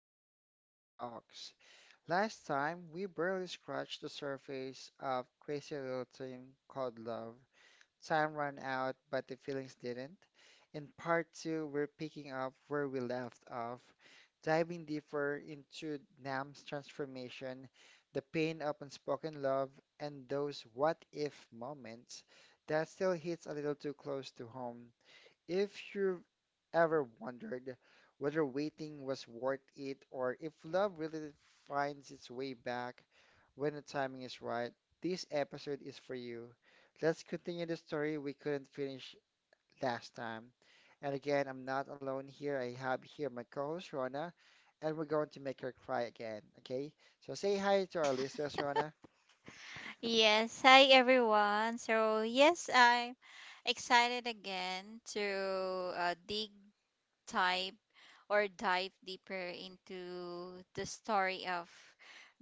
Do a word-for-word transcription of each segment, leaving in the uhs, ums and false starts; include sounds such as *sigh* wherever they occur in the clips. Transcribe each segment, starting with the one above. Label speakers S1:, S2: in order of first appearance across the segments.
S1: is Popcorn Talks. Last time, we barely scratched the surface of Crazy Little Thing Called Love. Time ran out, but the feelings didn't. In part two, we're picking up where we left off, diving deeper into Nam's transformation, the pain of unspoken love, and those what if moments that still hits a little too close to home if you've ever wondered whether waiting was worth it or if love really finds its way back when the timing is right, this episode is for you. Let's continue the story we couldn't finish last time. And again, I'm not alone here. I have here my co-host Rona, and we're going to make her cry again. Okay? So say hi to our listeners, Rona.
S2: Yes, hi everyone. So, yes, I'm excited again to uh, dig type or dive deeper into the story of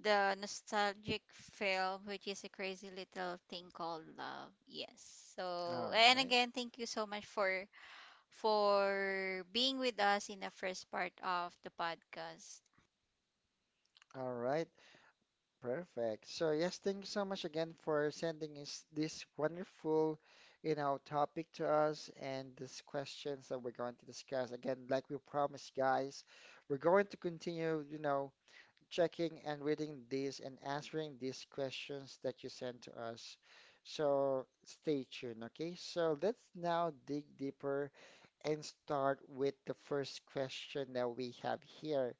S2: the nostalgic film, which is A Crazy Little Thing Called Love. Yes. So,
S1: All
S2: and
S1: right.
S2: again, thank you so much for for being with us in the first part of the podcast.
S1: All right. Perfect. So yes, thank you so much again for sending us this wonderful, you know, topic to us and these questions that we're going to discuss. Again, like we promised, guys, we're going to continue, you know, checking and reading these and answering these questions that you sent to us. So stay tuned, okay? So let's now dig deeper and start with the first question that we have here.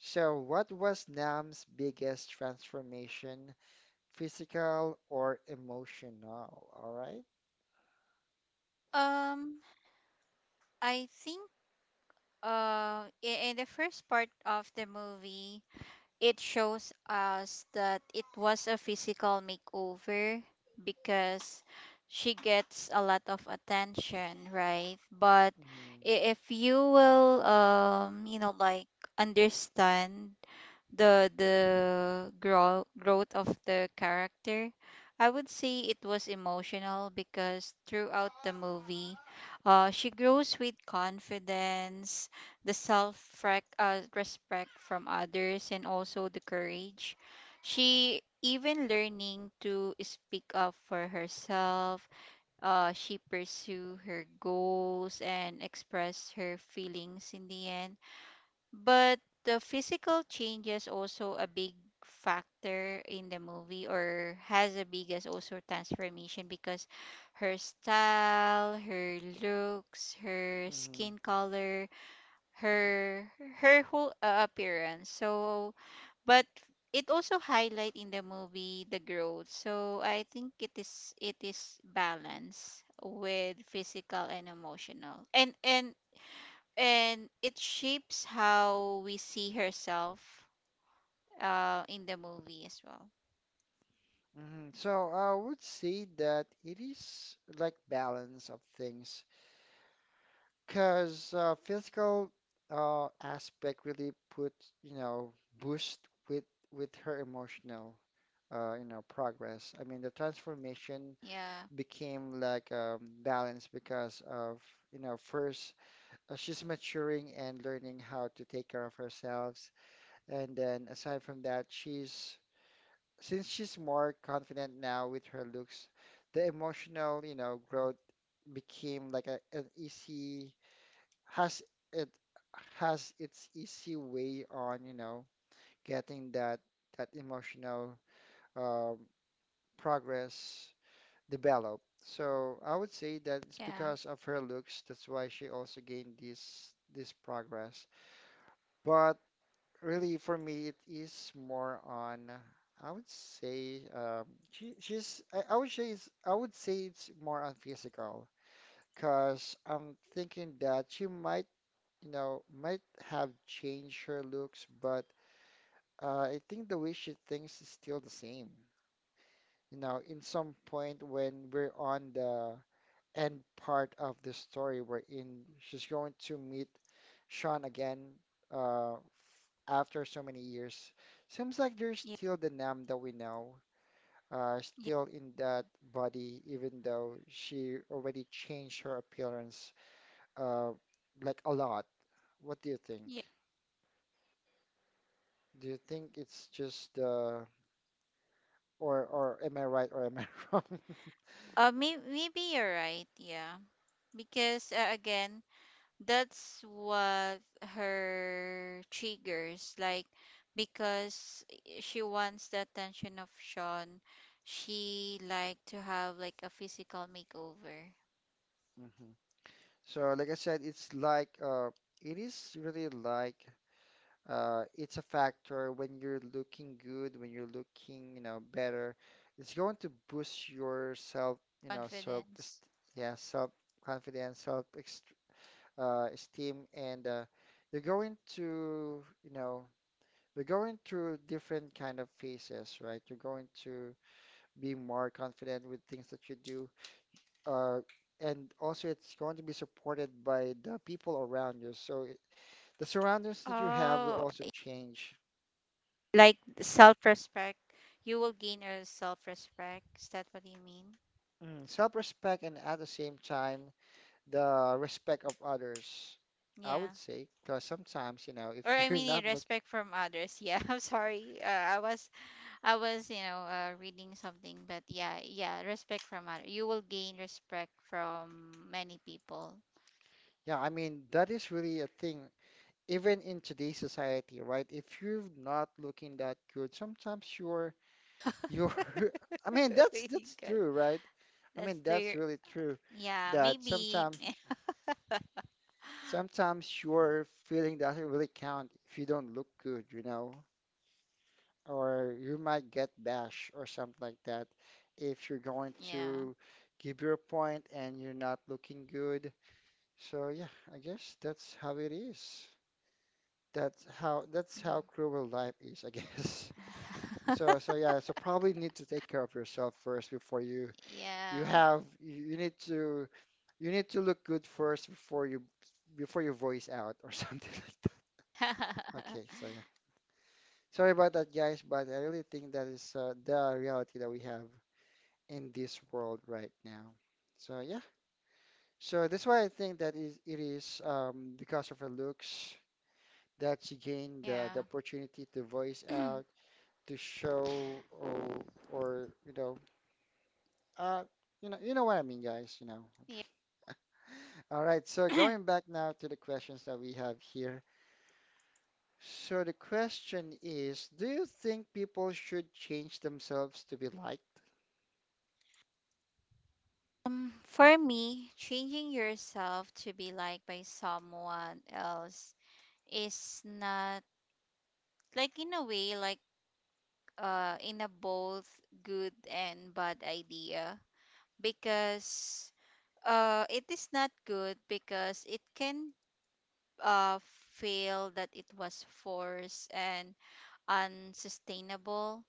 S1: So, what was Nam's biggest transformation? Physical or emotional? All right.
S2: Um, I think uh i- in the first part of the movie, it shows us that it was a physical makeover because she gets a lot of attention, right? But
S1: Mm-hmm.
S2: i- if you will, um, you know, like, understand the the grow, growth of the character. I would say it was emotional because throughout the movie, uh, she grows with confidence, the self, uh, respect from others, and also the courage. She even learning to speak up for herself. Uh, she pursue her goals and express her feelings in the end. But the physical change is also a big factor in the movie, or has the biggest also transformation, because her style, her looks, her
S1: Mm-hmm.
S2: skin color, her her whole uh, appearance. So, but it also highlight in the movie the growth. So, I think it is it is balance with physical and emotional. And and and it shapes how we see herself uh in the movie as well.
S1: Mm-hmm. So I would say that it is like balance of things, because uh, physical uh, aspect really put you know boost with with her emotional uh, you know progress. I mean the transformation
S2: Yeah,
S1: became like um, balance because of you know first, uh, she's maturing and learning how to take care of herself. And then aside from that, she's since she's more confident now with her looks, the emotional, you know, growth became like a, an easy has it has its easy way on, you know, getting that that emotional um, progress developed. So I would say that
S2: yeah,
S1: it's because of her looks, that's why she also gained this this progress. But really, for me, it is more on, I would say, um, she, she's, I, I would say it's, I would say it's more on physical, because I'm thinking that she might, you know, might have changed her looks, but uh, I think the way she thinks is still the same. You know, in some point when we're on the end part of the story wherein she's going to meet Sean again, uh, f- after so many years. Seems like
S2: yeah,
S1: there's still the Nam that we know, uh,
S2: yeah,
S1: still in that body, even though she already changed her appearance uh, like a lot. What do you think?
S2: yeah.
S1: Do you think it's just uh, or or am I right or am I *laughs* wrong?
S2: uh may- maybe you're right, yeah. Because uh, again, that's what her triggers, like, because she wants the attention of Sean. She like to have like a physical makeover.
S1: Mhm. So like I said, it's like uh, it is really like, uh, it's a factor when you're looking good, when you're looking, you know, better. It's going to boost your self, you know, self,
S2: Confidence.
S1: est- yeah, self confidence, self ext- uh, esteem, and uh, you're going to, you know, you're going through different kind of phases, right? You're going to be more confident with things that you do, uh, and also it's going to be supported by the people around you. So it, the surroundings that you have will
S2: Oh,
S1: also change.
S2: like self-respect. You will gain a self-respect. Is that what you mean?
S1: Mm, self-respect and at the same time the respect of others, I
S2: Yeah,
S1: would say, because sometimes, you know, if
S2: or
S1: *laughs*
S2: I
S1: you're
S2: mean
S1: not
S2: a
S1: look,
S2: respect from others, yeah. *laughs* I'm sorry, uh, I was i was, you know uh, reading something. But yeah, yeah, respect from others. You will gain respect from many people.
S1: yeah, I mean, that is really a thing, even in today's society, right? If you're not looking that good, sometimes you're
S2: *laughs* Oh
S1: you're *laughs* I mean, that's
S2: my
S1: that's
S2: god.
S1: true, right? I
S2: That's
S1: mean, that's
S2: the,
S1: really true
S2: yeah,
S1: that
S2: maybe.
S1: sometimes
S2: *laughs*
S1: sometimes your feeling doesn't really count if you don't look good, you know? Or you might get bashed or something like that if you're going
S2: Yeah.
S1: to give your point and you're not looking good. So yeah, I guess that's how it is. That's how that's how cruel life is, I guess. *laughs* So so yeah,
S2: *laughs*
S1: so probably need to take care of yourself first before you you
S2: Yeah.
S1: have you you need to you need to look good first before you before you voice out or *laughs* something like that.
S2: *laughs*
S1: Okay, so yeah. Sorry about that, guys, but I really think that is uh, the reality that we have in this world right now. So yeah, so that's why I think that is it is, um, because of her looks that she gained the, the
S2: Yeah.
S1: opportunity to voice out,
S2: *clears throat*
S1: to show, or or you know, uh, you know, you know what I mean, guys. You know. *laughs*
S2: Yeah.
S1: All right, so going
S2: *clears throat*
S1: back now to the questions that we have here. So the question is, do you think people should change themselves to be liked?
S2: Um, for me, changing yourself to be liked by someone else is not, like, in a way, like, uh in a both good and bad idea, because uh it is not good because it can uh feel that it was forced and unsustainable.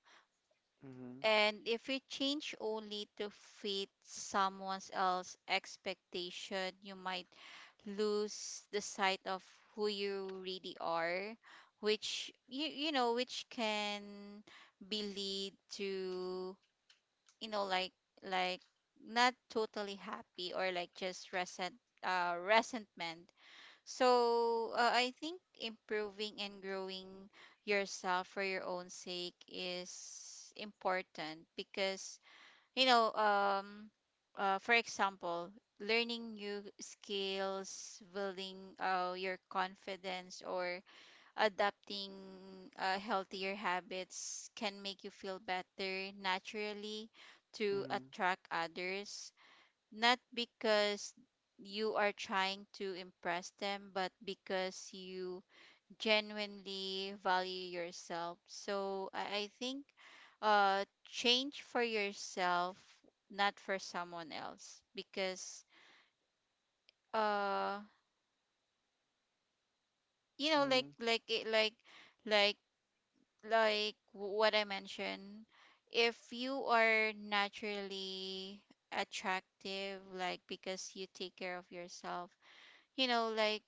S1: Mm-hmm,
S2: And if you change only to fit someone else's expectation, you might lose the sight of who you really are, which you you know, which can be lead to, you know like, like not totally happy, or like just resent uh resentment. So, uh, I think improving and growing yourself for your own sake is important, because you know um uh, for example, learning new skills, building uh, your confidence, or adapting uh, healthier habits can make you feel better naturally to
S1: mm-hmm,
S2: attract others, not because you are trying to impress them, but because you genuinely value yourself. So I, I think, uh, change for yourself, not for someone else, because uh, you know, like
S1: mm-hmm.
S2: like it- like like like what I mentioned, if you are naturally attractive, like because you take care of yourself, you know like,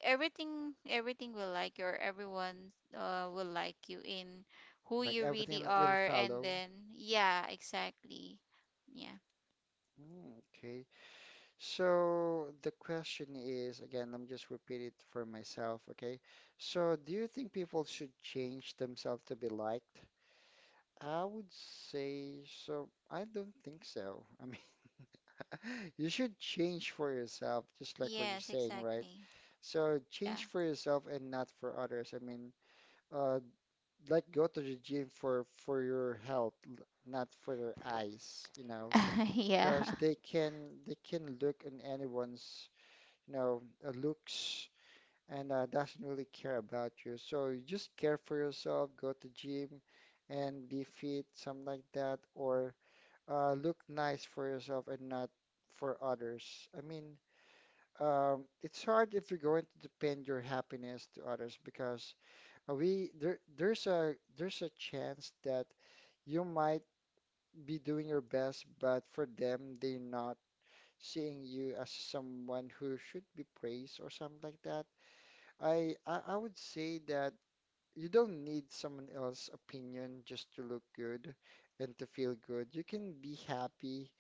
S2: everything everything will like you, or everyone uh, will like you in who
S1: Like
S2: you
S1: everything
S2: really
S1: li- will
S2: are, and
S1: follow.
S2: then yeah, exactly. Yeah.
S1: Mm, okay. So the question is, again, let me just repeat it for myself, okay? So do you think people should change themselves to be liked? I would say so. I don't think so. I mean, *laughs* you should change for yourself, just like what you're
S2: Yes,
S1: saying, right?
S2: exactly.
S1: So
S2: Yeah.
S1: change for yourself and not for others. I mean, uh, like go to the gym for for your health, l- not for their eyes, you know,
S2: *laughs* Yeah.
S1: because they can they can look in anyone's, you know, uh, looks and uh, doesn't really care about you. So you just care for yourself, go to gym and be fit, something like that, or uh, look nice for yourself and not for others. I mean, um, it's hard if you're going to depend your happiness to others because uh, we there there's a there's a chance that you might be doing your best, but for them, they're not seeing you as someone who should be praised or something like that. I, I I would say that you don't need someone else's opinion just to look good and to feel good. You can be happy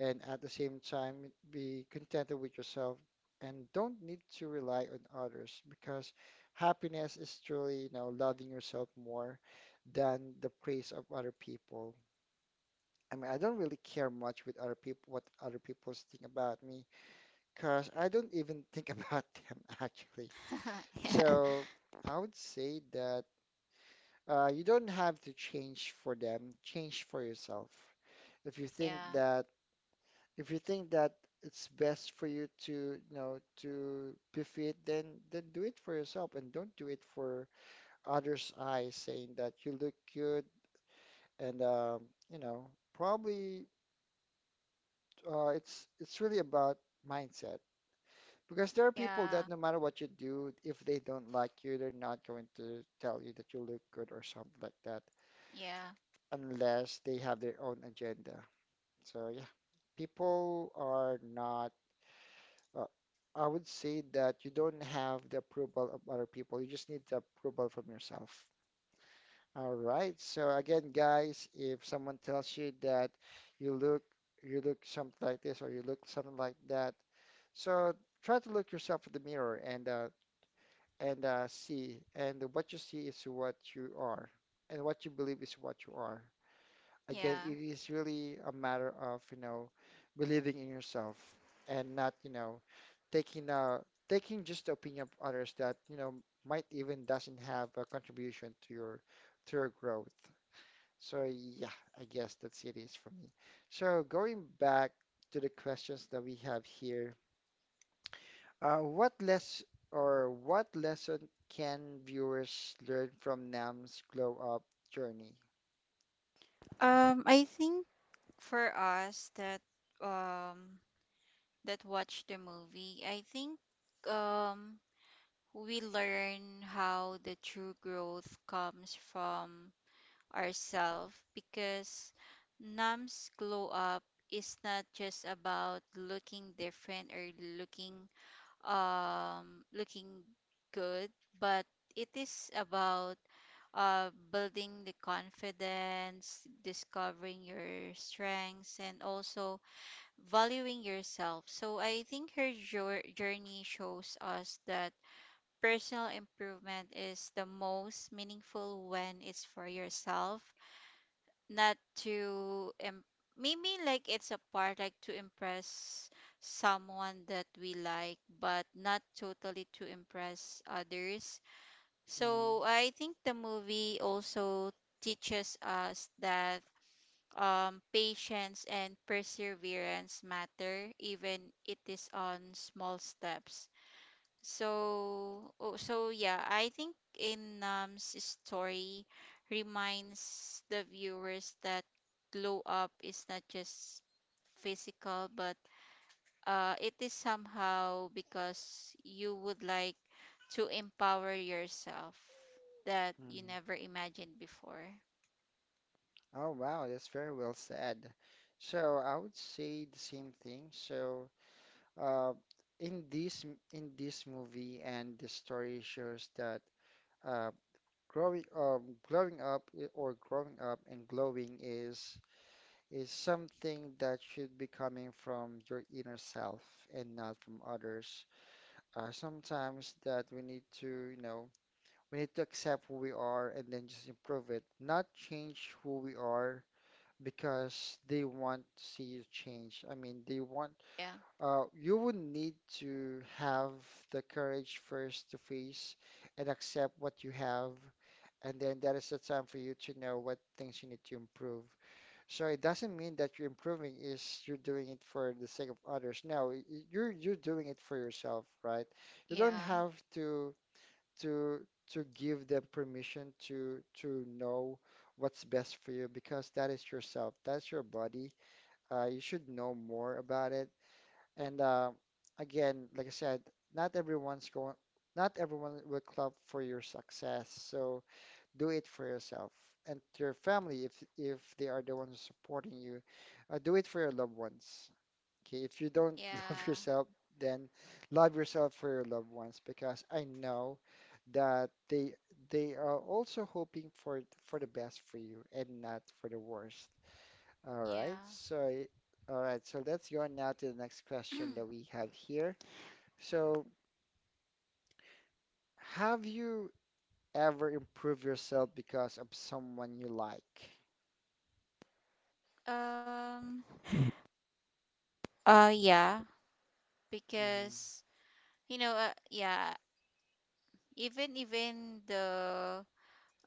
S1: and at the same time be contented with yourself and don't need to rely on others because happiness is truly, you know, loving yourself more than the praise of other people. I mean, I don't really care much with other people what other people think about me because I don't even think *laughs* about them actually.
S2: *laughs* Yeah,
S1: So I would say that uh, you don't have to change for them, change for yourself. If you think
S2: yeah,
S1: that if you think that it's best for you to, you know, to be fit, then then do it for yourself and don't do it for others' eyes saying that you look good and um, you know, probably uh, it's it's really about mindset. Because there are people
S2: yeah,
S1: that no matter what you do, if they don't like you, they're not going to tell you that you look good or something like that,
S2: yeah,
S1: unless they have their own agenda. So yeah, people are not, uh, I would say that you don't have the approval of other people. You just need the approval from yourself. All right. So again, guys, if someone tells you that you look you look something like this or you look something like that, so try to look yourself in the mirror and uh, and uh, see. And what you see is what you are, and what you believe is what you are. Again,
S2: yeah.
S1: it is really a matter of, you know, believing in yourself and not, you know, taking uh taking just the opinion of others that, you know, might even doesn't have a contribution to your to your growth. So yeah, I guess that's it is for me. So going back to the questions that we have here, uh, what less or what lesson can viewers learn from Nam's glow up journey?
S2: um I think for us that um that watch the movie, I think um we learn how the true growth comes from ourselves, because NAM's glow up is not just about looking different, or looking um looking good, but it is about uh, building the confidence, discovering your strengths, and also valuing yourself. So I think her jour- journey shows us that personal improvement is the most meaningful when it's for yourself, not to im- maybe like it's a part, like to impress someone that we like, but not totally to impress others.
S1: Mm-hmm.
S2: So I think the movie also teaches us that um, patience and perseverance matter, even it is on small steps. So, oh, so yeah, I think in Nam's story reminds the viewers that glow up is not just physical, but uh, it is somehow because you would like to empower yourself that you never imagined before.
S1: Oh, wow, that's very well said. So I would say the same thing. So, uh, in this m- in this movie and the story shows that uh, growing um, growing up I- or growing up and glowing is is something that should be coming from your inner self and not from others. Uh, sometimes that we need to, you know, we need to accept who we are and then just improve it, not change who we are because they want to see you change. I mean, they want
S2: Yeah,
S1: uh, you would need to have the courage first to face and accept what you have, and then that is the time for you to know what things you need to improve. So it doesn't mean that you're improving is you're doing it for the sake of others. No, y- you're you're doing it for yourself, right? You don't
S2: yeah,
S1: have to to to give them permission to to know what's best for you because that is yourself, that's your body. Uh, you should know more about it. And uh, again, like I said, not everyone's going, not everyone will clap for your success. So do it for yourself and your family if if they are the ones supporting you. Uh, do it for your loved ones. Okay, if you don't *laughs* love
S2: yeah,
S1: yourself, then love yourself for your loved ones because I know that they they are also hoping for for the best for you and not for the worst. All right.
S2: yeah.
S1: So, all right. So let's go on now to the next question that
S2: *clears throat*
S1: we have here. So, have you ever improved yourself because of someone you like?
S2: Um, uh, yeah,
S1: Mm-hmm.
S2: because you know, uh, yeah, Even even the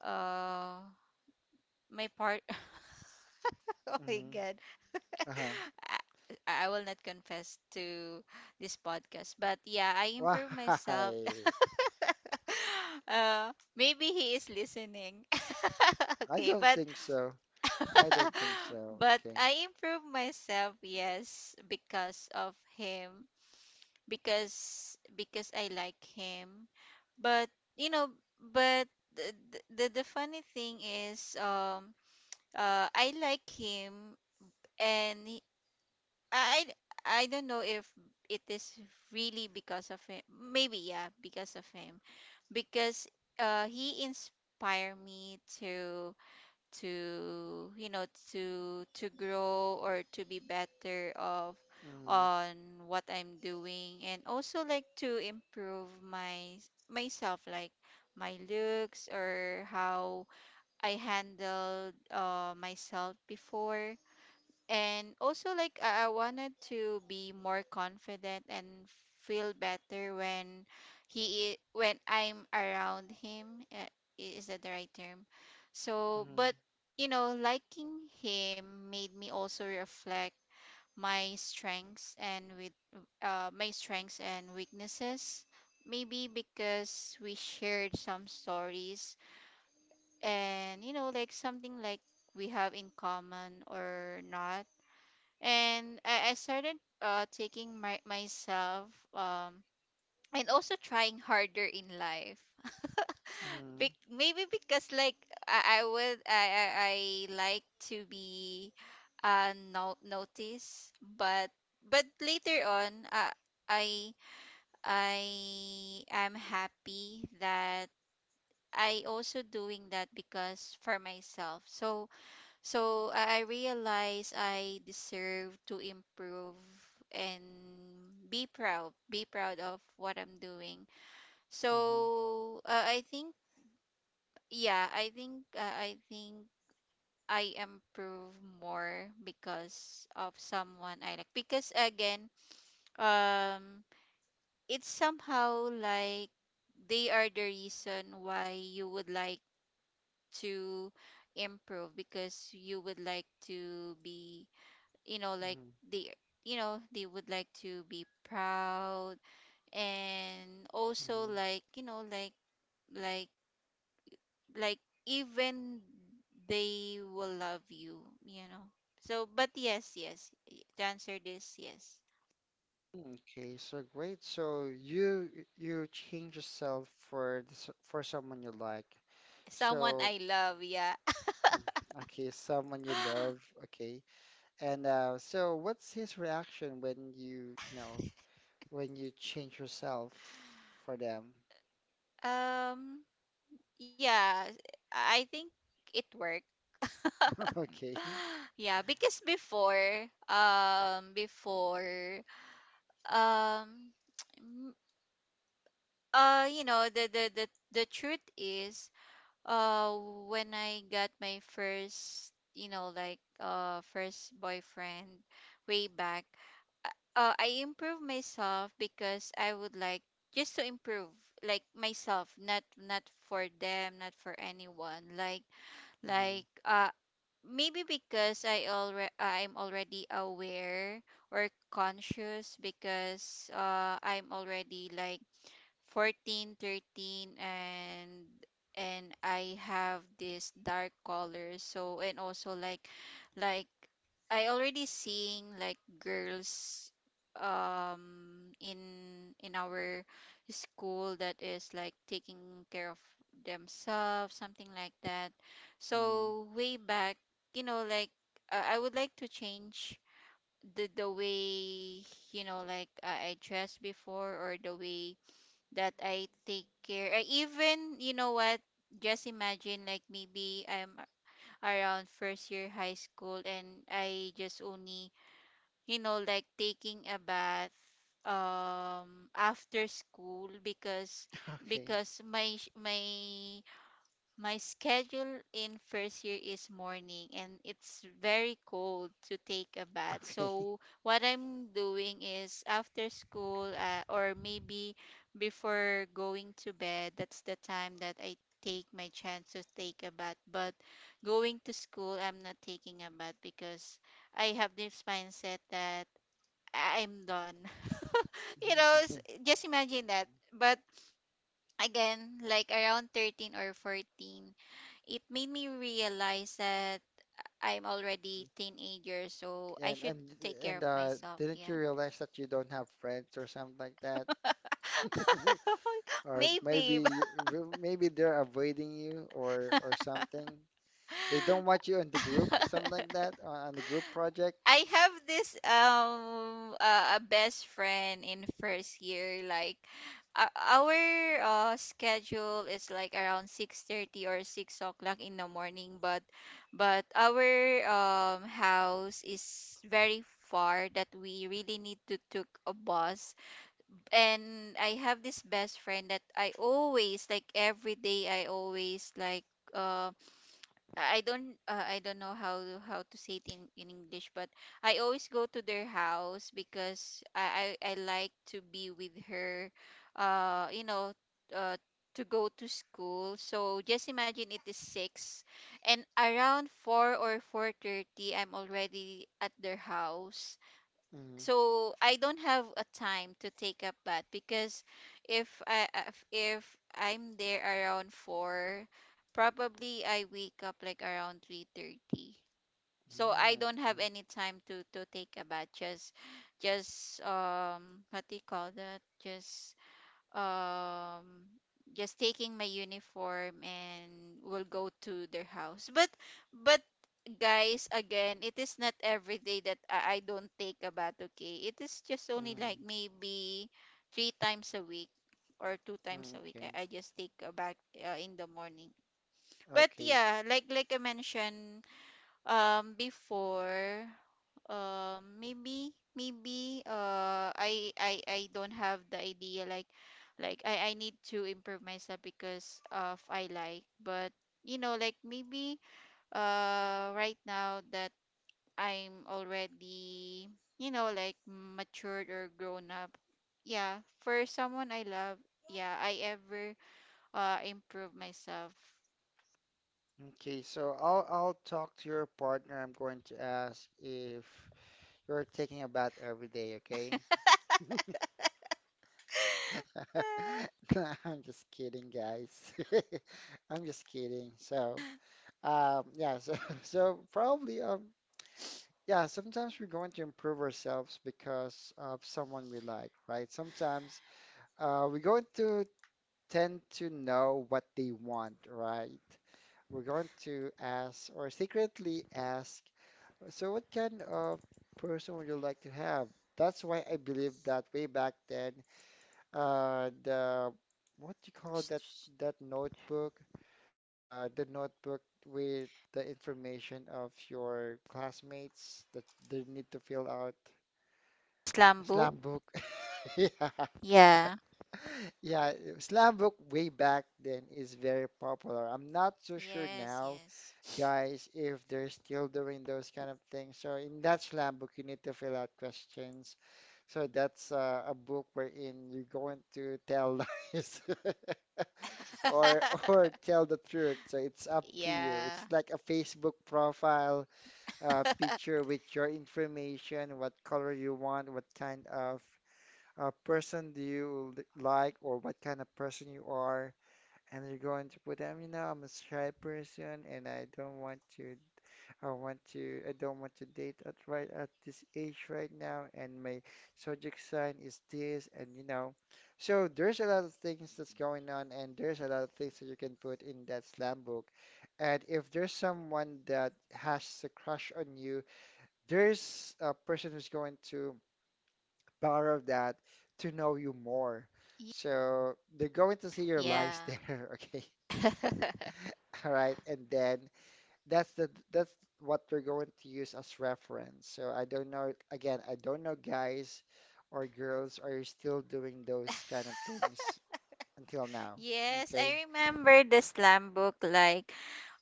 S2: uh my part. *laughs* Oh my
S1: Mm-hmm.
S2: god.
S1: Uh-huh.
S2: *laughs* I, I will not confess to this podcast, but yeah, I
S1: Why?
S2: improve myself. *laughs* Uh maybe he is listening. *laughs*
S1: I
S2: Okay,
S1: don't
S2: but
S1: think so. I don't
S2: *laughs*
S1: think so.
S2: but
S1: Okay.
S2: I improve myself, yes, because of him, because because I like him. But you know, but the the, the funny thing is, um, uh, I like him, and he- I I don't know if it is really because of him. Maybe, yeah, because of him, because uh, he inspired me to to you know to to grow, or to be better of
S1: Mm-hmm.
S2: on what I'm doing, and also like to improve my myself, like my looks, or how I handled uh, myself before. And also, like, I, I wanted to be more confident and feel better when he i- when I'm around him, uh, i- is that the right term? So,
S1: Mm-hmm.
S2: but you know liking him made me also reflect my strengths and with uh, my strengths and weaknesses, maybe because we shared some stories, and, you know like, something like we have in common or not. And I, I started uh taking my myself, um and also trying harder in life. *laughs* Be- maybe, because like I, I would I, I I like to be uh no- noticed, but but later on, uh, I I am happy that I also doing that, because for myself. So, so I I realized I deserve to improve, and be proud, be proud of what I'm doing.
S1: Mm-hmm. Mm-hmm.
S2: So uh, I think, yeah, I think, uh, I think I improve more because of someone I like. Because again, um, it's somehow like they are the reason why you would like to improve, because you would like to be, you know like, they you know they would like to be proud, and also,
S1: Mm-hmm.
S2: like, you know like, like like even they will love you you know So, but yes, yes, y- to answer this, yes.
S1: Mm-hmm. Okay. So great. So you you change yourself for the s- for someone you like.
S2: Someone
S1: So.
S2: I love, yeah.
S1: Mm. Okay, someone you
S2: *gasps*
S1: love.
S2: *laughs*
S1: Okay. And uh, so what's his reaction when you, you know, when you change yourself for them?
S2: um yeah, I think it worked. *laughs*
S1: *laughs*
S2: *laughs*
S1: Okay.
S2: Yeah, because before, um before, um *tsk* uh you know, the the the, the truth is, uh when I got my first you know like uh first boyfriend, way back. uh, uh, I improved myself because I would like just to improve, like myself, not not for them, not for anyone, like
S1: Hmm.
S2: like uh maybe because i already i'm already aware, or conscious, because uh I'm already like fourteen, thirteen, and and I have this dark color. So, and also, like like, I already seeing, like, girls um in in our school, that is like taking care of themselves, something like that.
S1: Hmm.
S2: So, way back, you know like, uh, I would like to change the the way, you know like, I I dressed before, or the way that I take care. I even, you know what, just imagine, like, maybe I'm around first year high school, and I just only, you know, like, taking a bath um after school, because
S1: Okay.
S2: because my sh- my my schedule in first year is morning, and it's very cold to take a bath.
S1: Okay. *laughs*
S2: So what I'm doing is after school, uh, or maybe before going to bed, that's the time that I take my chance to take a bath. But going to school, I'm not taking a bath because I have this mindset that I'm done. *laughs* You know, s- just imagine that. But again, like, around thirteen or fourteen, it made me realize that I'm already teenager, so I
S1: And
S2: should
S1: and
S2: take care
S1: and
S2: of
S1: uh,
S2: myself.
S1: didn't
S2: Yeah.
S1: you realize that you don't have friends or something like that? *laughs*
S2: *laughs*
S1: Or maybe
S2: Maybe. but-
S1: you- well, maybe they're avoiding you or or something. They don't want you in the group, something like
S2: *laughs*
S1: that, on on the group project.
S2: I have this um uh, a best friend in first year, like uh, our uh, schedule is like around six thirty or six o'clock in the morning, but but our um house is very far that we really need to took a bus. And I have this best friend that I always, like, every day, I always like uh. I I don't uh, I don't know how to, how to, say it in, in English, but I always go to their house because I, I, I like to be with her, uh, you know, uh, to go to school. So just imagine it is six, and around four or four thirty, I'm already at their house,
S1: Mm-hmm.
S2: so I don't have a time to take up bath because if I if, if I'm there around four, probably I wake up like around three thirty, so I
S1: Mm,
S2: don't have
S1: okay.
S2: any time to to take a bath, just just um what do you call that, just um just taking my uniform and will go to their house, but but guys, again, it is not every day that I, I don't take a bath, okay? It is just only
S1: Mm,
S2: like maybe three times a week or two times
S1: mm,
S2: a week,
S1: okay.
S2: i, I just take a bath uh, in the morning. But
S1: Okay.
S2: yeah, like like I mentioned um, before, um, maybe, maybe, uh, I, I, I don't have the idea, like, like I, I need to improve myself because of I like, but you know, like maybe, uh, right now that I'm already, you know, like matured or grown up. Yeah, for someone I love, yeah, I ever, uh, improve myself.
S1: Okay. So I'll I'll talk to your partner. I'm going to ask if you're taking a bath every day, okay? *laughs* Nah, I'm just kidding, guys. *laughs* I'm just kidding. So, um, yeah, so, *laughs* so probably, um, yeah, sometimes we're going to improve ourselves because of someone we like, right? Sometimes, uh, we're going to tend to know what they want, right? We're going to ask or secretly ask, so what kind of person would you like to have? That's why I believe that way back then, uh, the what do you call that
S2: *laughs*
S1: that notebook, the the notebook with the information of your classmates that they need to fill out.
S2: Slam book.
S1: Slam book. *laughs* Yeah.
S2: Yeah.
S1: Yeah, slam book way back then is very popular. I'm not so sure
S2: Yes,
S1: now
S2: yes.
S1: guys if they're still doing those kind of things. So in that slam book, you need to fill out questions. So that's uh, a book wherein you're going to tell lies *laughs* or
S2: *laughs*
S1: or tell the truth. So it's up to you. It's
S2: Yeah.
S1: like a Facebook profile uh, picture with your information, what color you want, what kind of uh, person do you l- like, or what kind of person you are. And you're going to put them, you know, I'm a shy person and I don't want to I want to, I don't want to date at right at this age right now, and my zodiac sign is this, and you know, so there's a lot of things that's going on, and there's a lot of things that you can put in that slam book. And if there's someone that has a crush on you, there's a person who's going to borrow that to know you more. So they're going to see your
S2: Yeah.
S1: lies there, *laughs* okay?
S2: *laughs*
S1: All right, and then that's the that's what we're going to use as reference. So I don't know, again, I don't know guys or girls are you still doing those kind of things until now.
S2: Yes,
S1: Okay?
S2: I remember the slam book, like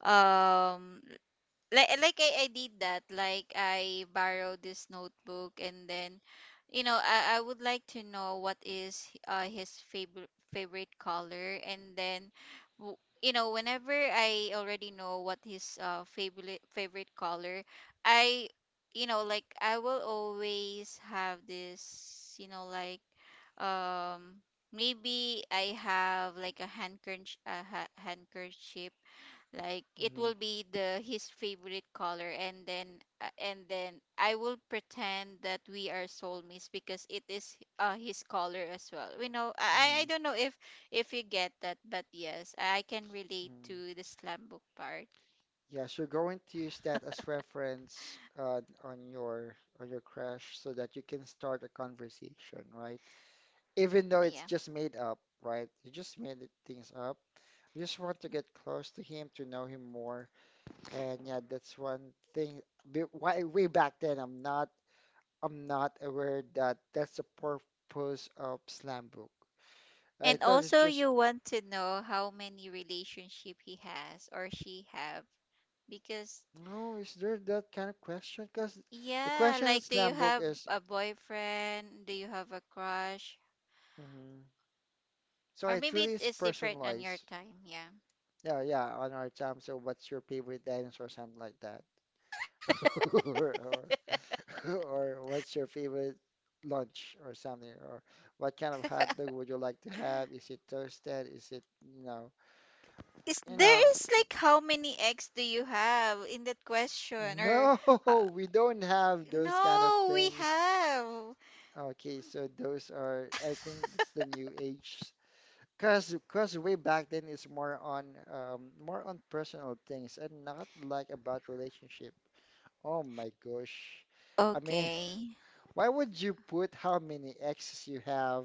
S2: um like like I, I did that, like I borrowed this notebook and then, you know, i, I would like to know what is uh, his favorite favorite color, and then w- you know, whenever I already know what his uh, favorite favorite color, I, you know, like I will always have this, you know, like um maybe I have like a handkerchief, a ha- handkerchief, like it
S1: Mm-hmm,
S2: will be the his favorite color, and then uh, and then I will pretend that we are soulmates because it is uh his color as well. We know, i i
S1: mm-hmm,
S2: I don't know if if you get that, but yes, I can relate
S1: mm.
S2: to the slam book part.
S1: Yeah, so you're going to use that as reference uh, on your on your crush so that you can start a conversation, right? Even though
S2: Yeah,
S1: it's just made up, right? You just made it- things up. You just want to get close to him to know him more. And yeah, that's one thing. Be- Why way back then, I'm not I'm not aware that that's the purpose of slam book. I
S2: and
S1: thought it's
S2: also
S1: just
S2: you want to know how many relationship he has or she have, because
S1: no. Is there that kind of question? Because the
S2: yeah,
S1: question in
S2: like do you
S1: slam book
S2: have
S1: is
S2: a boyfriend, do you have a crush,
S1: mhm. So
S2: or
S1: it
S2: maybe it
S1: really is
S2: is different on your
S1: personalized.
S2: time. Yeah.
S1: Yeah, yeah. On our time, so what's your favorite dinosaur? Something like that, *laughs* or or *laughs* or what's your favorite lunch or something, or what kind of hot dog would you like to have? Is it toasted? Is it you know?
S2: Is
S1: You know,
S2: there is like how many eggs do you have in that question or
S1: no,
S2: ho-
S1: *laughs* we don't have those kind of
S2: no, we
S1: things.
S2: have.
S1: Okay, so those are, I think that's the new age. Cause, cause way back then it's more on, um, more on personal things and not like about relationship. Oh my gosh. I mean,
S2: Okay.
S1: *laughs* why would you put how many exes you have,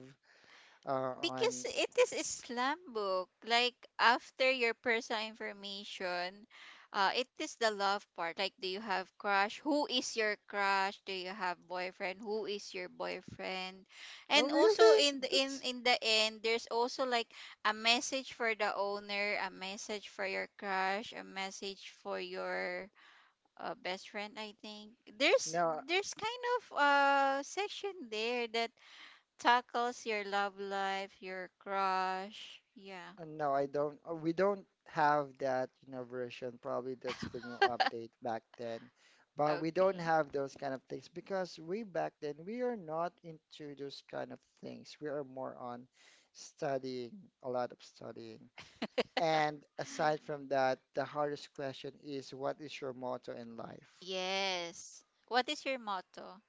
S1: uh,
S2: Because
S1: on?
S2: it is Islam book. Like after your personal information, uh, it is the love part. Like, do you have crush? Who is your crush? Do you have boyfriend? Who is your boyfriend?
S1: Oh
S2: And also
S1: really?
S2: in the, in
S1: That's
S2: in the end, there's also like a message for the owner, a message for your crush, a message for your uh, best friend. I think there's
S1: no.
S2: there's kind of uh section there that tackles your love life, your crush. Yeah.
S1: Uh, No, I don't. uh, We don't have that, you know, version. Probably that's the new update back then. But we don't
S2: Okay.
S1: have those kind of things because we back then we are not into those kind of things. We are more on studying, a lot of studying. And
S2: *laughs*
S1: aside from that, the hardest question is what is your motto in life?
S2: Yes. What is your motto?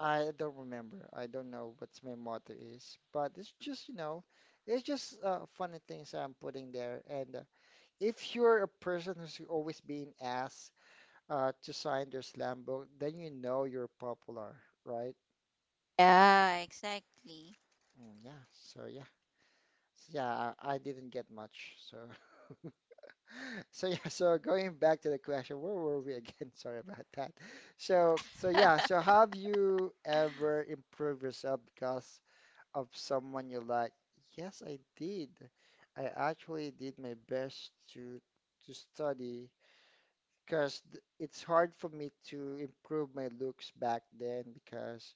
S1: I don't remember. I don't know what's my motto is, but it's just, you know, it's just uh, funny things I'm putting there and uh, if you're a person who's always being asked uh, to sign their slam book, then you know you're popular, right?
S2: Yeah, exactly.
S1: Mm, yeah. So yeah, so, yeah. I, I didn't get much. So *laughs* so yeah. So going back to the question, where were we again? *laughs* Sorry about that. So so yeah. So have you ever improved yourself because of someone you like? Yes, I did. I actually did my best to to study because it's hard for me to improve my looks back then because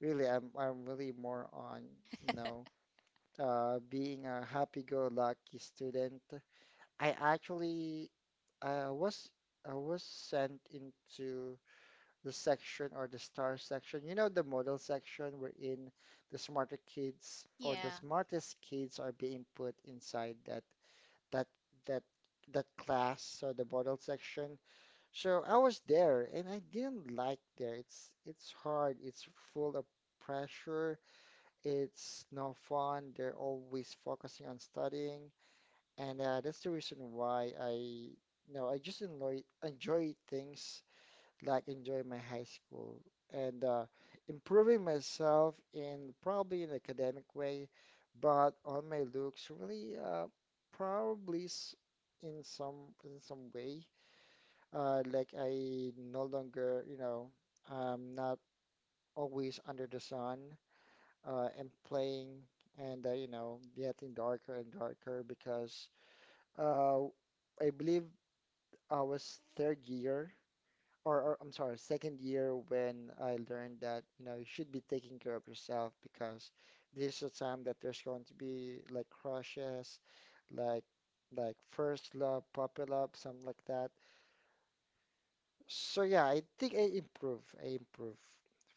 S1: really I'm I'm really more on you know uh being a happy-go-lucky student. I actually uh, was I was sent into the section or the star section. You know the model section wherein the smarter
S2: Yeah.
S1: kids or the smartest kids are being put inside that that that that class or the model section. So I was there and I didn't like there. It's it's hard. It's full of pressure. It's no fun. They're always focusing on studying, and uh, that's the reason why I you know I just enjoy enjoy things like enjoy my high school and uh, improving myself in probably an academic way, but on my looks really uh, probably s- in some in some way uh, like I no longer, you know, I'm not always under the sun uh, and playing and, uh, you know, getting darker and darker because uh, I believe I was third year or, or I'm sorry, second year when I learned that, you know, you should be taking care of yourself because this is a time that there's going to be like crushes, like like first love, puppy love, something like that. So yeah, I think I improve. I improve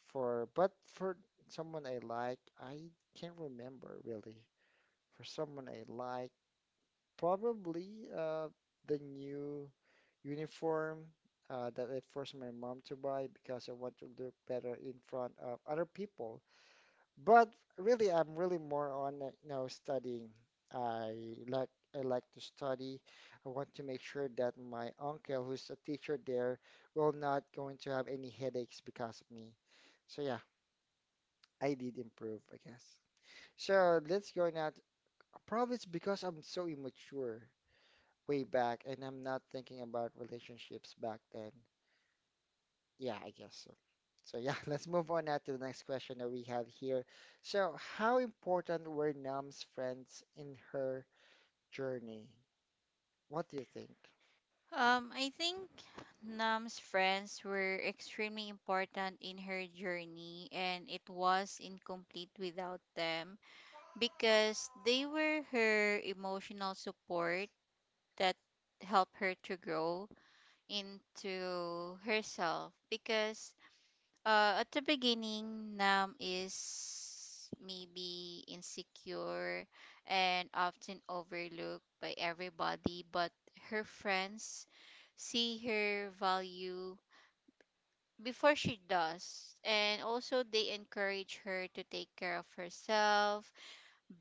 S1: for, but for someone I like, I can't remember really. For someone I like, probably uh the new uniform uh that I forced my mom to buy because I want to look better in front of other people. But really, I'm really more on, uh, you know, studying. I like I like to study. I want to make sure that my uncle, who's a teacher there, will not going to have any headaches because of me. So yeah, I did improve, I guess. So let's go now. t- probably it's because I'm so immature way back, and I'm not thinking about relationships back then. Yeah, I guess so. So yeah, *laughs* let's move on now to the next question that we have here. So how important were Nam's friends in her journey? What do you think?
S2: Um, I think Nam's friends were extremely important in her journey, and it was incomplete without them because they were her emotional support that helped her to grow into herself. Because Uh, at the beginning, Nam is maybe insecure and often overlooked by everybody, but her friends see her value before she does. And also, they encourage her to take care of herself,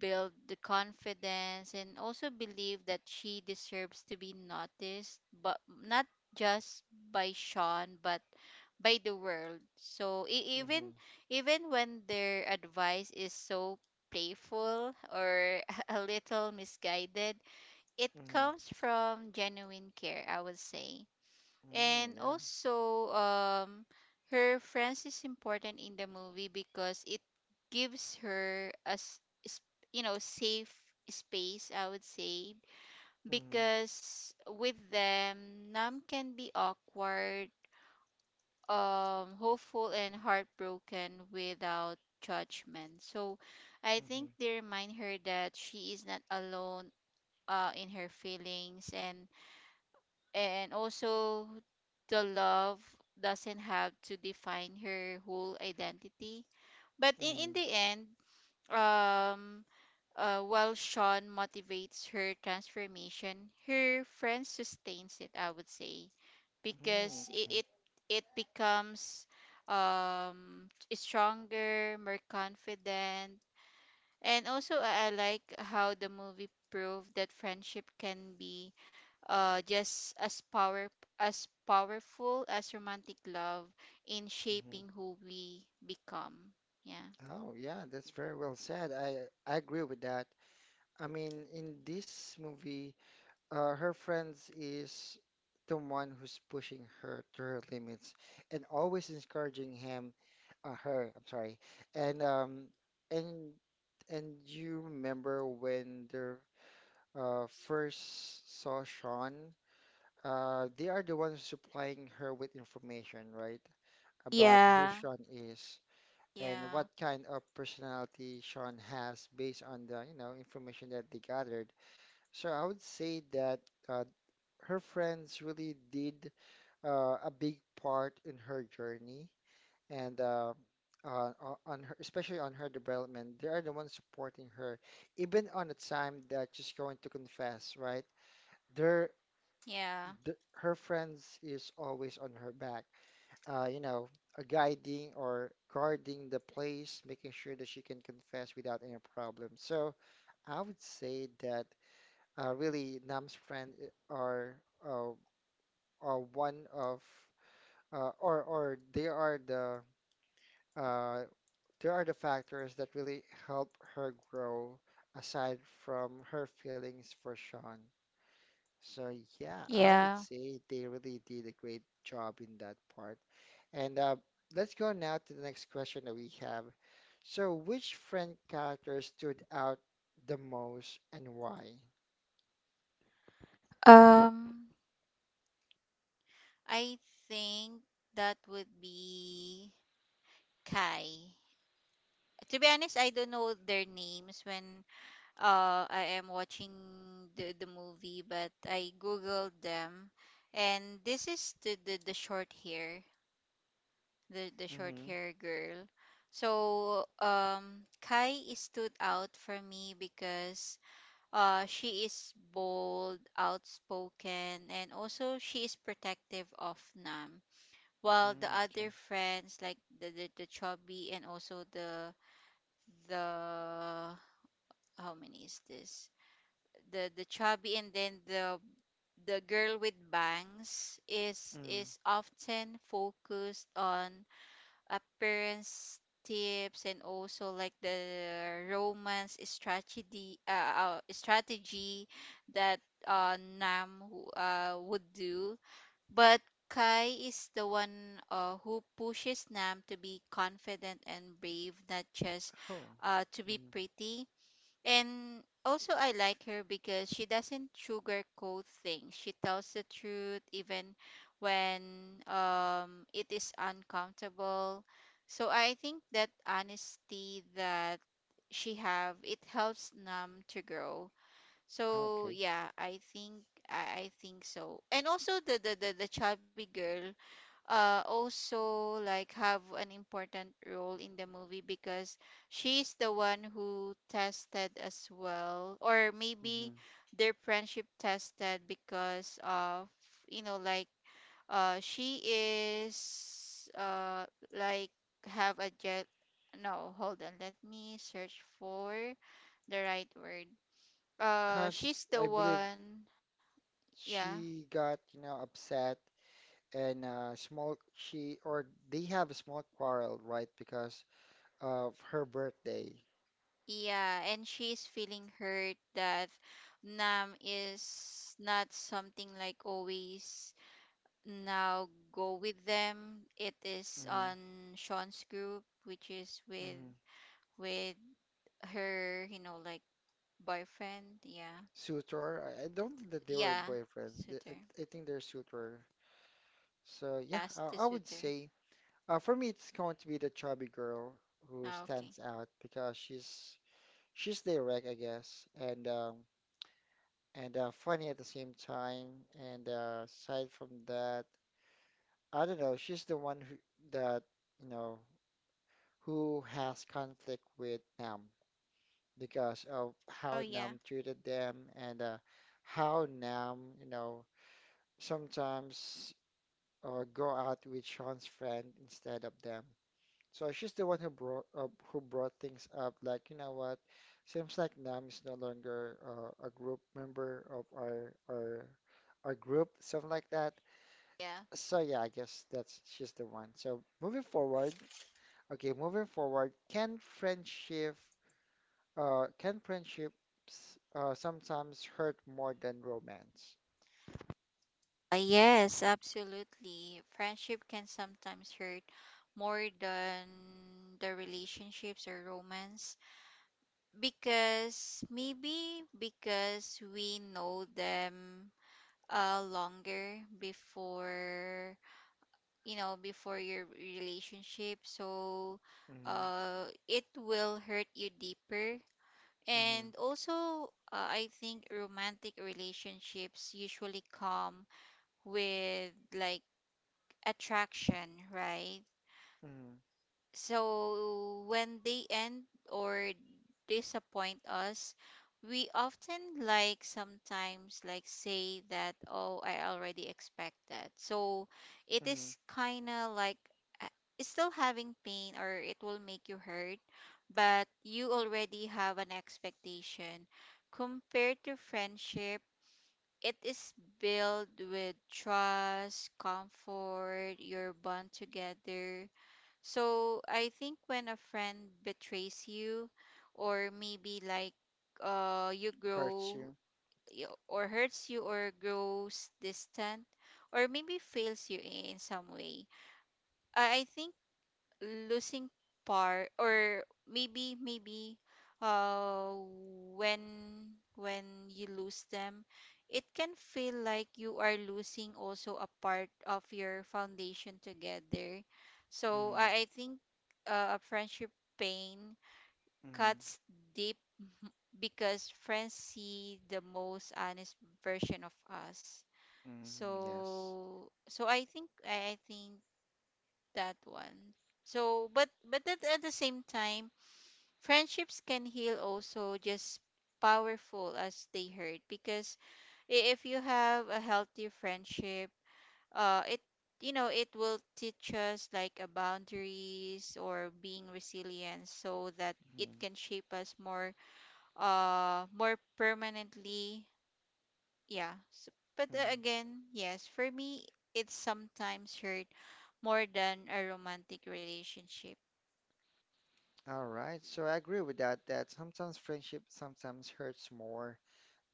S2: build the confidence, and also believe that she deserves to be noticed, but not just by Sean, but by the world. So e-
S1: Mm-hmm.
S2: even even when their advice is so playful or *laughs* a little misguided, it
S1: Mm-hmm.
S2: comes from genuine care, I would say.
S1: Mm,
S2: And
S1: yeah.
S2: also, um, her friends is important in the movie because it gives her a s- s- you know, safe space, I would say,
S1: Mm-hmm.
S2: because with them, Nam can be awkward, um, hopeful and heartbroken without judgment. So I think
S1: Mm-hmm.
S2: they remind her that she is not alone uh, in her feelings, and and also the love doesn't have to define her whole identity. But in,
S1: Mm-hmm.
S2: in the end, um, uh, while Sean motivates her transformation, her friend sustains it, I would say, because
S1: Mm, okay.
S2: it it, it becomes um stronger, more confident. And also I I like how the movie proved that friendship can be uh just as power as powerful as romantic love in
S1: Mm-hmm.
S2: shaping who we become. Yeah.
S1: Oh yeah, that's very well said. I I agree with that. I mean, in this movie, uh, her friends is the one who's pushing her to her limits and always encouraging him uh, her, I'm sorry, and um and and you remember when they uh, first saw Sean. Uh, they are the ones supplying her with information, right, about who
S2: Yeah.
S1: Sean is and
S2: Yeah.
S1: what kind of personality Sean has based on the you know information that they gathered. So I would say that uh, her friends really did uh, a big part in her journey and uh, uh, o- on her, especially on her development. They are the ones supporting her, even on the time that she's going to confess, right? Their,
S2: Yeah.
S1: the, her friends is always on her back, uh, you know, uh, guiding or guarding the place, making sure that she can confess without any problem. So I would say that uh, really Nam's friend i- are uh, are one of uh, or or they are the uh, they are the factors that really help her grow aside from her feelings for Sean. So yeah, I would
S2: Yeah.
S1: say they really did a great job in that part. And uh, let's go now to the next question that we have. So which friend character stood out the most and why?
S2: Um I think that would be Kai. To be honest, I don't know their names when uh I am watching the the movie, but I googled them, and this is the the, the short hair, the the short
S1: Mm-hmm.
S2: hair girl. So um Kai stood out for me because uh she is bold, outspoken, and also she is protective of Nam. While the
S1: Mm-hmm.
S2: other friends like the the, the chubby and also the the how many is this? The the chubby, and then the the girl with bangs is
S1: Mm-hmm.
S2: is often focused on appearance tips and also like the romance strategy uh, uh strategy that uh Nam w- uh would do. But Kai is the one uh, who pushes Nam to be confident and brave, not just
S1: Oh,
S2: uh to be
S1: mm-hmm.
S2: pretty. And also, I like her because she doesn't sugarcoat things. She tells the truth even when, um, it is uncomfortable. So I think that honesty that she have, it helps Nam to grow. So
S1: Okay.
S2: yeah, I think I, I think so. And also the the the, the chubby girl, uh, also like have an important role in the movie because she's the one who tested as well, or
S1: Mm-hmm.
S2: maybe their friendship tested because of, you know, like uh she is uh like have a jet, no, hold on, let me search for the right word. uh
S1: Cause
S2: she's the
S1: I believe
S2: one, yeah.
S1: she got, you know, upset and uh, small she or they have a small quarrel, right? Because of her birthday.
S2: Yeah, and she's feeling hurt that Nam is not something like always now go with them. It is
S1: Mm-hmm.
S2: on Sean's group, which is with
S1: Mm-hmm.
S2: with her, you know, like boyfriend. Yeah.
S1: Suitor. I I don't think that they were
S2: Yeah,
S1: boyfriends. They-
S2: suitor.
S1: I I think they're suitor. So yeah,
S2: Yes,
S1: I,
S2: the
S1: I would
S2: suitor.
S1: say uh, for me it's going to be the chubby girl who
S2: Ah, okay.
S1: stands out because she's she's direct, I guess, and um, and uh, funny at the same time. And uh, aside from that. I don't know. She's the one who that you know who has conflict with Nam because of
S2: Oh
S1: how
S2: yeah.
S1: Nam treated them and uh, how Nam you know sometimes uh, go out with Sean's friend instead of them. So she's the one who brought up, who brought things up. Like you know what, seems like Nam is no longer uh, a group member of our our our group, something like that.
S2: Yeah.
S1: So yeah, I guess that's she's the one. So moving forward. Okay, moving forward, can friendship uh can friendships uh sometimes hurt more than romance?
S2: Uh, yes, absolutely. Friendship can sometimes hurt more than the relationships or romance, because maybe because we know them uh longer before, you know, before your relationship, so
S1: Mhm.
S2: uh it will hurt you deeper.
S1: Mhm.
S2: And also, uh, I think romantic relationships usually come with like attraction, right?
S1: Mhm.
S2: So when they end or disappoint us, we often like sometimes like say that, oh, I already expect that. So it
S1: Mhm.
S2: is kind of like, uh, it's still having pain or it will make you hurt, but you already have an expectation. Compared to friendship, it is built with trust, comfort, your bond together, so I think when a friend betrays you, or maybe like, uh, you
S1: Hurts
S2: grow
S1: you.
S2: y- or hurts you or grows distant, or maybe fails you in some way, I I think losing part or maybe maybe uh when when you lose them, it can feel like you are losing also a part of your foundation together. So
S1: Mhm.
S2: i, I think uh, a friendship pain
S1: Mhm.
S2: cuts deep because friends see the most honest version of us.
S1: Mhm. Yes.
S2: So so i think i, I think that one. So, but but at, at the same time, friendships can heal also just powerful as they hurt because I- if you have a healthy friendship, uh, it, you know, it will teach us like a boundaries or being resilient so that it
S1: Mhm.
S2: can shape us more uh more permanently. Yeah. So, but uh,
S1: Mhm.
S2: again, yes, for me, it's sometimes hurt more than a romantic relationship.
S1: All right, so I agree with that that sometimes friendship sometimes hurts more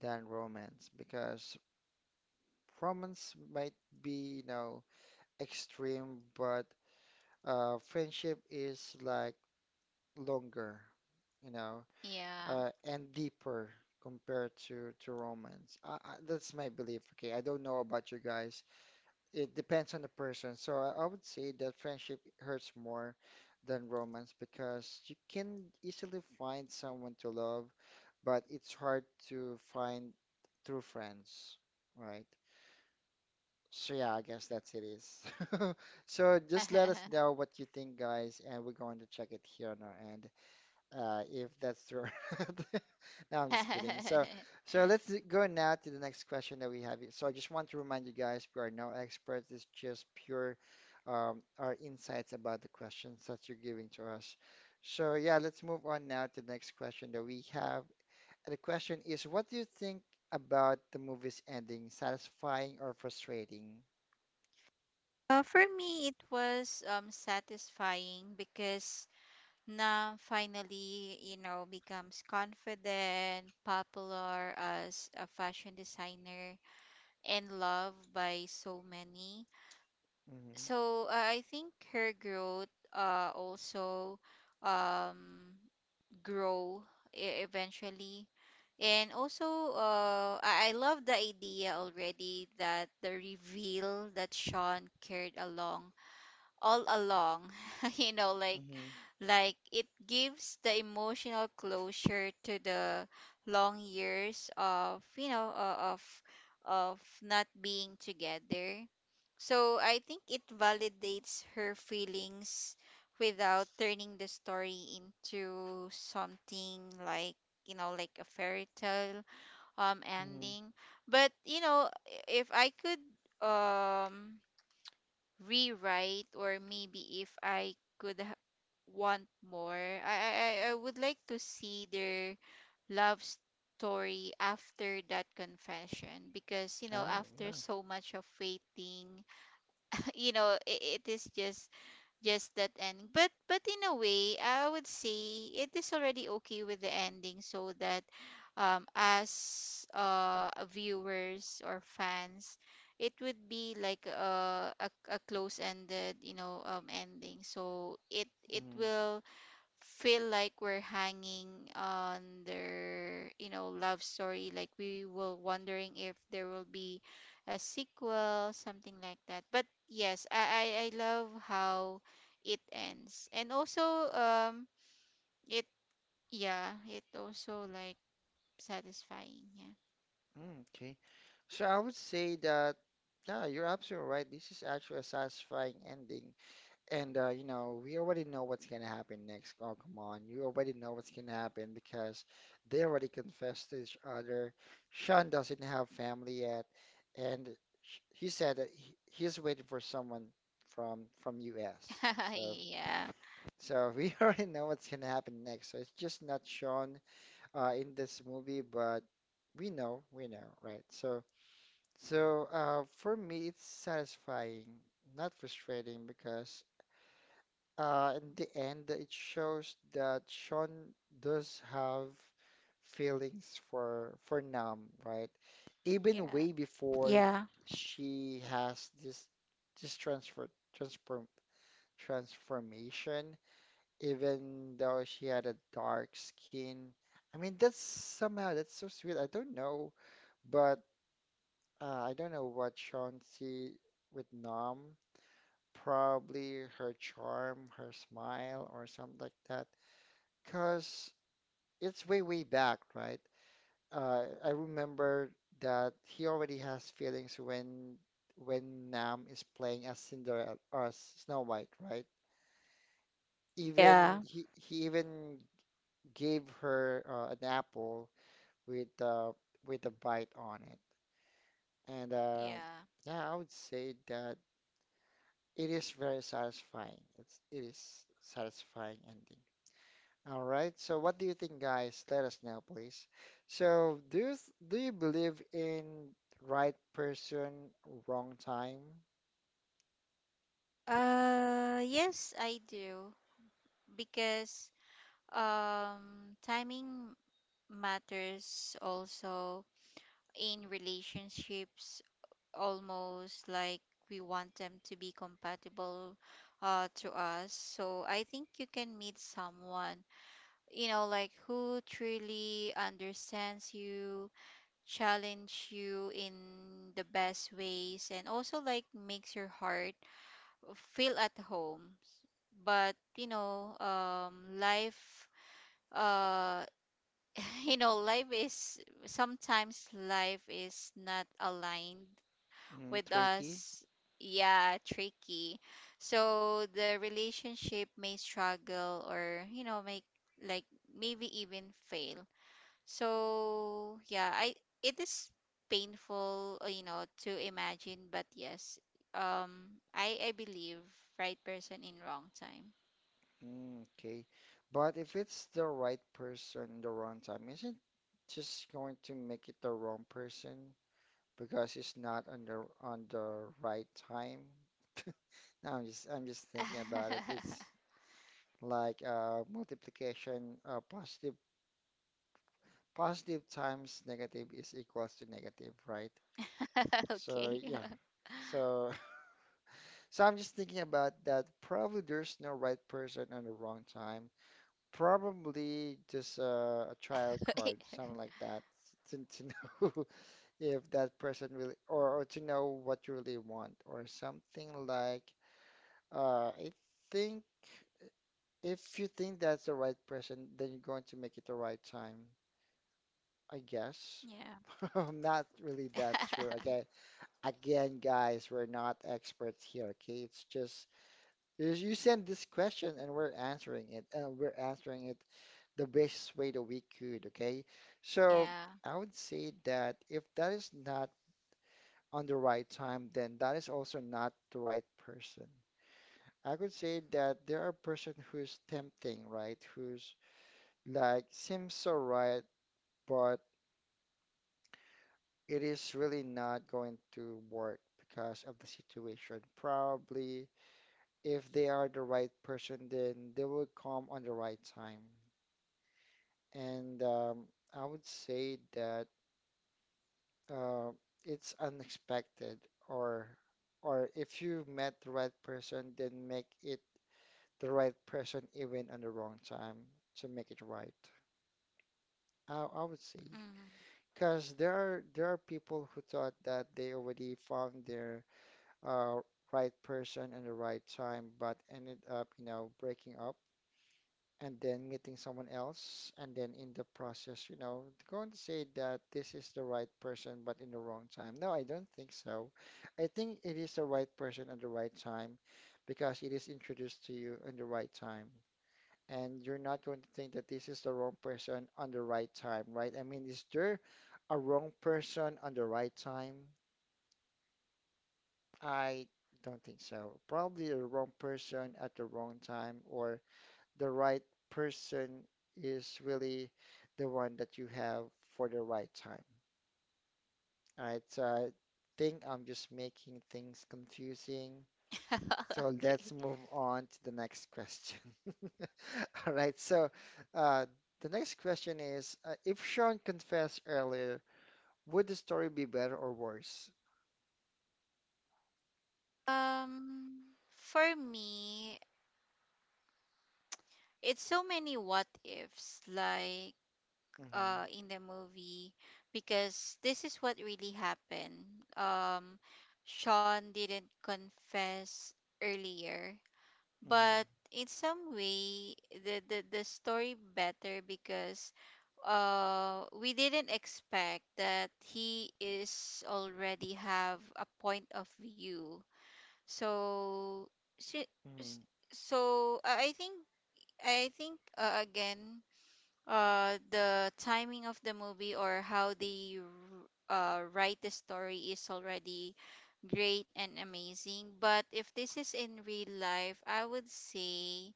S1: than romance because romance might be, you know, extreme, but uh friendship is like longer, you know.
S2: Yeah.
S1: uh, and deeper compared to to romance. I, I, that's my belief. Okay, I don't know about you guys. It depends on the person. So I, I would say that friendship hurts more than romance because you can easily find someone to love, but it's hard to find true friends, right? So yeah, I guess that's it is. *laughs* So just let
S2: *laughs*
S1: us know what you think, guys, and we're going to check it here on our end uh, if that's true. *laughs* or No, I'm just kidding. So, so let's go now to the next question that we have. So I just want to remind you guys, we are no experts. It's just pure um, our insights about the questions that you're giving to us. So yeah, let's move on now to the next question that we have. And the question is, what do you think about the movie's ending, satisfying or frustrating?
S2: Uh, for me, it was um satisfying because Nam finally, you know, becomes confident, popular as a fashion designer, and loved by so many.
S1: Hmm.
S2: So uh, I think her growth uh also um grow e- eventually. And also, uh, I I love the idea already that the reveal that Sean carried along all along, *laughs* you know, like
S1: Hmm.
S2: like it gives the emotional closure to the long years of, you know, uh, of of not being together. So I think it validates her feelings without turning the story into something like, you know, like a fairy tale um
S1: Hmm.
S2: ending. But you know, if I could um rewrite, or maybe if I could ha- want more, I, I I I would like to see their love story after that confession, because you know,
S1: Oh,
S2: after
S1: yeah.
S2: so much of waiting *laughs* you know, it, it is just just that ending. but but in a way, I would say it is already okay with the ending, so that um as uh viewers or fans, it would be like a a, a close ended, you know, um ending, so it it
S1: Mm-hmm.
S2: will feel like we're hanging on their, you know, love story, like we were wondering if there will be a sequel something like that. But yes, I I, I love how it ends, and also, um it yeah, it also like satisfying.
S1: Mm, okay. So I would say that, yeah, you're absolutely right. This is actually a satisfying ending. And, uh, you know, we already know what's going to happen next. Oh, come on. You already know what's going to happen because they already confessed to each other. Sean doesn't have family yet. And sh- he said that he, he's waiting for someone from from U S.
S2: Yeah.
S1: So,
S2: *laughs* Yeah.
S1: so *laughs* we already know what's going to happen next. So it's just not shown uh, in this movie, but we know, we know, right? So, so, uh, for me, it's satisfying, not frustrating, because uh, in the end, it shows that Sean does have feelings for for Nam, right? Even way
S2: Yeah.
S1: before
S2: Yeah.
S1: she has this this transfer transform transformation, even though she had a dark skin. I mean, that's somehow that's so sweet. I don't know, but uh, I don't know what Chauncey with nom. Probably her charm, her smile, or something like that. Because it's way, way back, right? Uh, I remember that he already has feelings when when Nam is playing as Cinderella or as Snow White, right? Even
S2: Yeah.
S1: he he even gave her uh, an apple with uh, with a bite on it, and uh,
S2: Yeah,
S1: yeah, I would say that. It is very satisfying. It's it is satisfying ending. All right. So what do you think, guys? Let us know, please. So do you th- do you believe in right person, wrong time?
S2: uh yes, I do, because um timing matters also in relationships, almost like we want them to be compatible uh, to us. So I think you can meet someone, you know, like who truly understands you, challenge you in the best ways, and also like makes your heart feel at home. But you know, um life, uh *laughs* you know, life is sometimes life is not aligned
S1: Mm,
S2: with
S1: tricky.
S2: us, yeah, tricky. So the relationship may struggle or, you know, make like maybe even fail. So yeah, I, it is painful, uh, you know, to imagine, but yes, um i i believe right person in wrong time.
S1: Mm, okay. But if it's the right person, the wrong time, isn't just going to make it the wrong person because it's not on the on the right time? *laughs* No, I'm just I'm just thinking about it.
S2: *laughs*
S1: It's like uh, multiplication uh, positive positive times negative is equals to negative, right? So
S2: Okay.
S1: yeah, so *laughs* so i'm just thinking about that probably there's no right person and the wrong time, probably just uh, a trial card something like that to, to know. *laughs* If that person really, or, or to know what you really want or something like uh, I think if you think that's the right person, then you're going to make it the right time, I guess.
S2: *laughs*
S1: *laughs* I'm not really
S2: Yeah.
S1: that sure.
S2: *laughs*
S1: Okay, again, guys, we're not experts here, okay? It's just you you send this question and we're answering it, and we're answering it the best way that we could, okay? So
S2: Yeah.
S1: I would say that if that is not on the right time, then that is also not the right person. I could say that there are person who's tempting, right? Who's like seems so right, but it is really not going to work because of the situation. Probably, if they are the right person, then they will come on the right time. And um, I would say that uh, it's unexpected, or or if you met the right person, then make it the right person even on the wrong time to make it right. I, I would say,
S2: Mm.
S1: because there are there are people who thought that they already found their uh, right person and the right time, but ended up, you know, breaking up and then meeting someone else, and then in the process, you know, going to say that this is the right person, but in the wrong time. No, I don't think so. I think it is the right person at the right time because it is introduced to you in the right time. And you're not going to think that this is the wrong person on the right time, right? I mean, is there a wrong person on the right time? I don't think so. Probably the wrong person at the wrong time, or the right person is really the one that you have for the right time. All right, so I uh, think I'm just making things confusing.
S2: *laughs*
S1: So
S2: Okay.
S1: let's move on to the next question. *laughs* All right, so uh, the next question is uh, if Sean confessed earlier, would the story be better or worse?
S2: Um, for me, it's so many what ifs, like
S1: Hmm.
S2: uh in the movie, because this is what really happened. Um, Sean didn't confess earlier,
S1: Hmm.
S2: but in some way, the the the story better because uh we didn't expect that he is already have a point of view. So si- s-
S1: Hmm.
S2: so uh, I think I think, uh, again, uh the timing of the movie, or how they r- uh write the story is already great and amazing. But if this is in real life, I would say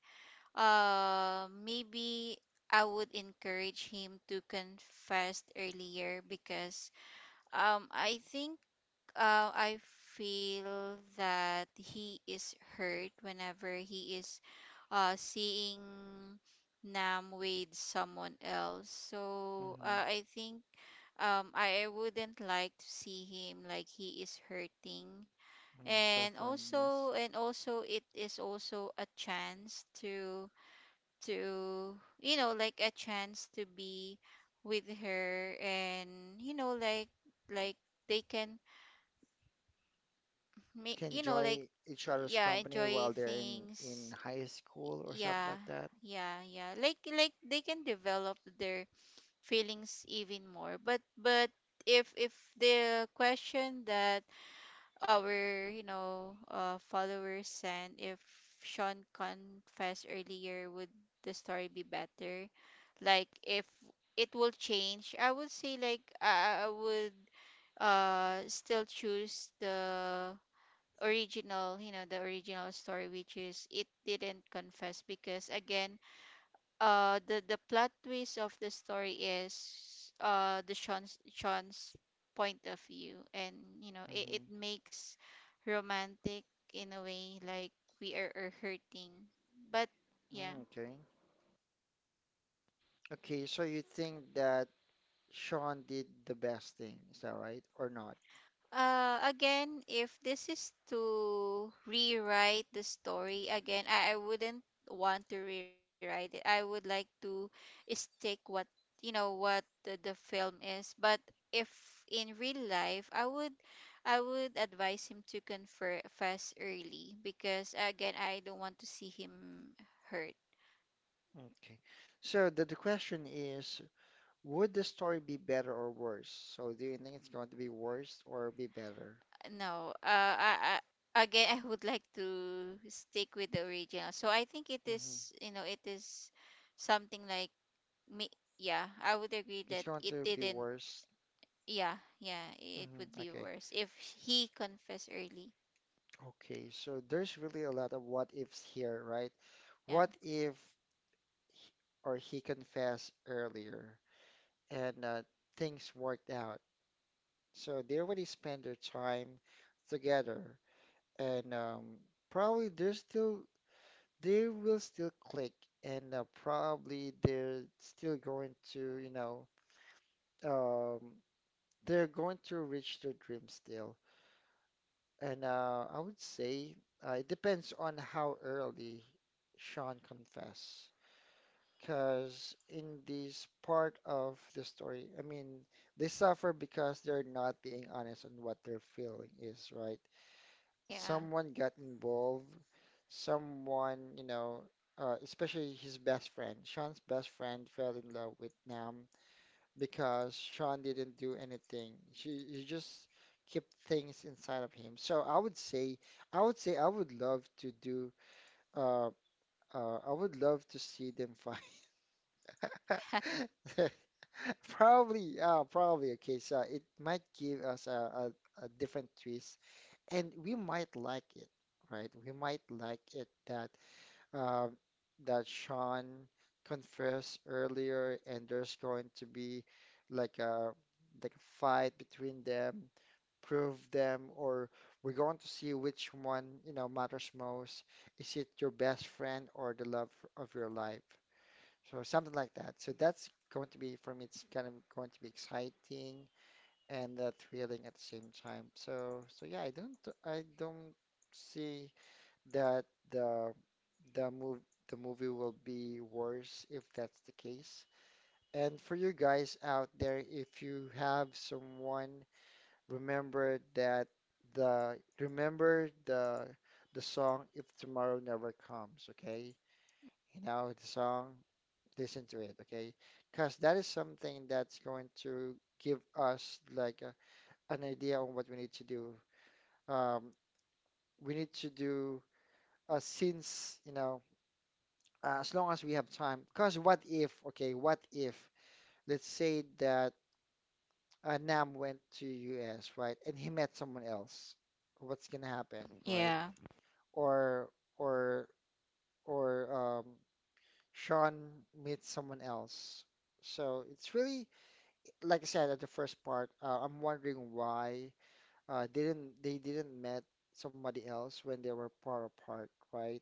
S2: uh maybe I would encourage him to confess earlier, because um, I think, uh, I feel that he is hurt whenever he is, uh, seeing Nam with someone else. So
S1: Hmm.
S2: uh, I think um, I, I wouldn't like to see him like he is hurting.
S1: Mm,
S2: And
S1: suffering,
S2: also,
S1: yes.
S2: and also, it is also a chance to to you know, like a chance to be with her, and you know, like like they can make,
S1: Can
S2: you know, like
S1: enjoy each other's
S2: yeah,
S1: company
S2: enjoy
S1: while they're in in
S2: things,
S1: high school or something
S2: yeah,
S1: like that.
S2: yeah, yeah, like like they can develop their feelings even more. but but if if the question that our, you know, uh, followers sent, if Sean confessed earlier would the story be better, like if it will change, I would say like, I, I I would uh still choose the original, you know, the original story, which is it didn't confess, because again, uh the the plot twist of the story is uh the Sean's Sean's point of view, and you know, it, it
S1: Hmm.
S2: makes romantic in a way, like we are, are hurting, but yeah.
S1: Mm, okay. Okay, so you think that Sean did the best thing, is that right? Or not?
S2: Uh, again, if this is to rewrite the story again, I, I wouldn't want to rewrite it. I would like to stick what, you know, what the, the film is. But if in real life, I would I would advise him to confess early, because again, I don't want to see him hurt.
S1: Okay. So the, the question is, would the story be better or worse? So do you think it's going to be worse or be better?
S2: No, uh, I, I, again, I would like to stick with the original. So I think it
S1: Hmm.
S2: is, you know, it is something like me. Yeah, I would agree
S1: It's
S2: that
S1: going
S2: it
S1: to be
S2: didn't.
S1: worse.
S2: Yeah, yeah, it
S1: Hmm.
S2: would be
S1: Okay.
S2: worse if
S1: S-
S2: he confessed early.
S1: Okay, so there's really a lot of what ifs here, right?
S2: Yeah,
S1: What if or he confessed earlier, and uh, things worked out. So they already spent their time together, and um, probably they're still they will still click, and uh, probably they're still going to you know um, they're going to reach their dream still. And uh, I would say uh, it depends on how early Sean confess. Because in this part of the story, I mean, they suffer because they're not being honest on what their feeling is, right?
S2: yeah,
S1: Someone got involved, someone, you know, uh, especially his best friend. Sean's best friend fell in love with Nam because Sean didn't do anything. She, he just kept things inside of him. So I would say, I would say I would love to do, uh, uh, I would love to see them fight.
S2: *laughs*
S1: *laughs* Probably, yeah, probably. Okay, so it might give us a, a, a different twist, and we might like it, right? We might like it that uh, that Sean confessed earlier, and there's going to be like a like a fight between them, prove them, or we're going to see which one, you know, matters most. Is it your best friend or the love of your life? So something like that. So that's going to be for me. It's kind of going to be exciting and uh, thrilling at the same time. So so yeah, I don't I don't see that the the move the movie will be worse if that's the case. And for you guys out there, if you have someone, remember that the remember the the song If Tomorrow Never Comes. Okay, you know the song, listen to it, okay? Because that is something that's going to give us like a, an idea on what we need to do. Um, we need to do uh, since, you know, uh, as long as we have time. Because what if, okay, what if, let's say that uh, Nam went to U S, right, and he met someone else. What's gonna happen, right?
S2: yeah.
S1: Or or or um, Sean meets someone else. So it's really like I said at the first part, uh, I'm wondering why uh, didn't they didn't met somebody else when they were far apart, right?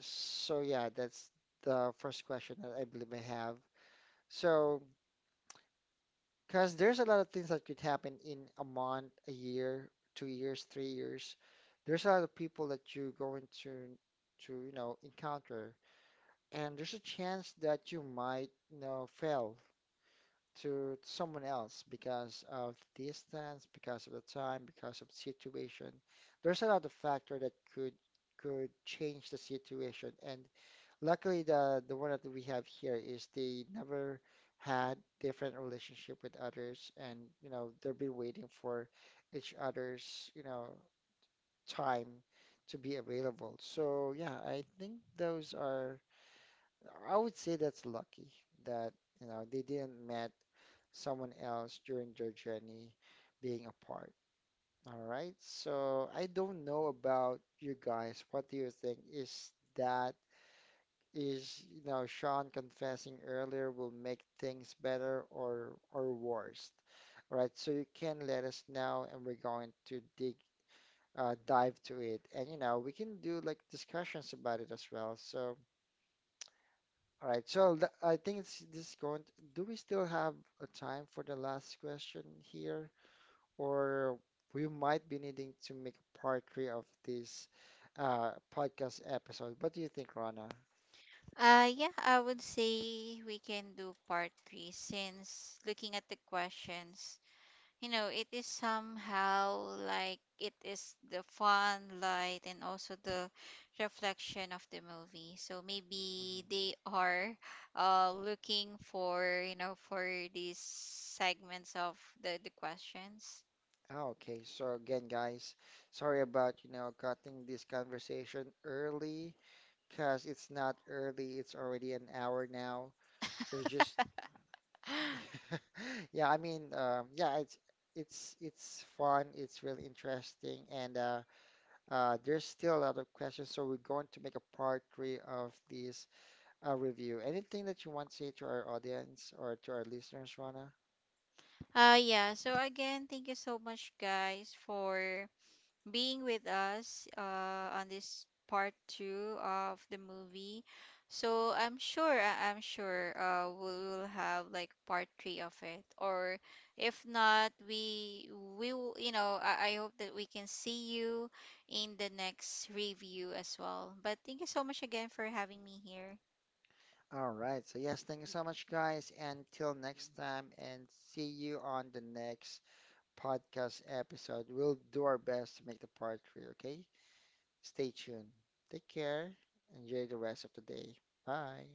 S1: So yeah, that's the first question that I believe I have. So, because there's a lot of things that could happen in a month, a year, two years, three years. There's a lot of people that you're going to to you know encounter, and there's a chance that you might you know fail to someone else because of distance, because of the time, because of the situation. There's a lot of factor that could could change the situation. And luckily, the the one that we have here is they never had different relationship with others, and you know they've been waiting for each other's you know time to be available. So yeah, I think those are. I would say that's lucky that you know they didn't met someone else during their journey being apart. All right. So I don't know about you guys. What do you think? Is that is you know Sean confessing earlier will make things better or or worse? All right. So you can let us know, and we're going to dig uh, dive to it, and you know we can do like discussions about it as well. So all right. So th- I think it's this is going to, do we still have a time for the last question here? Or we might be needing to make part three of this uh, podcast episode. What do you think, Rana?
S2: Uh, yeah, I would say we can do part three since looking at the questions, you know, it is somehow like it is the fun, light, and also the reflection of the movie. So
S1: Mhm.
S2: maybe they are uh, looking for, you know, for these segments of the, the questions.
S1: Ah, okay, so again, guys, sorry about, you know, cutting this conversation early, because it's not early, it's already an hour now. It's just,
S2: *gasps*
S1: *laughs* yeah, I mean, um, yeah, it's it's it's fun, it's really interesting, and uh, uh, there's still a lot of questions, so we're going to make a part three of this a review. Anything that you want to say to our audience or to our listeners, Rana?
S2: Uh, yeah, so again, thank you so much, guys, for being with us uh, on this part two of the movie. So I'm sure, I- I'm sure uh, we will have like part three of it. Or if not, we we will, you know, I, I hope that we can see you in the next review as well. But thank you so much again for having me here.
S1: All right. So, yes, thank you so much, guys. And till next time, and see you on the next podcast episode. We'll do our best to make the part three, okay? Stay tuned. Take care. Enjoy the rest of the day. Bye.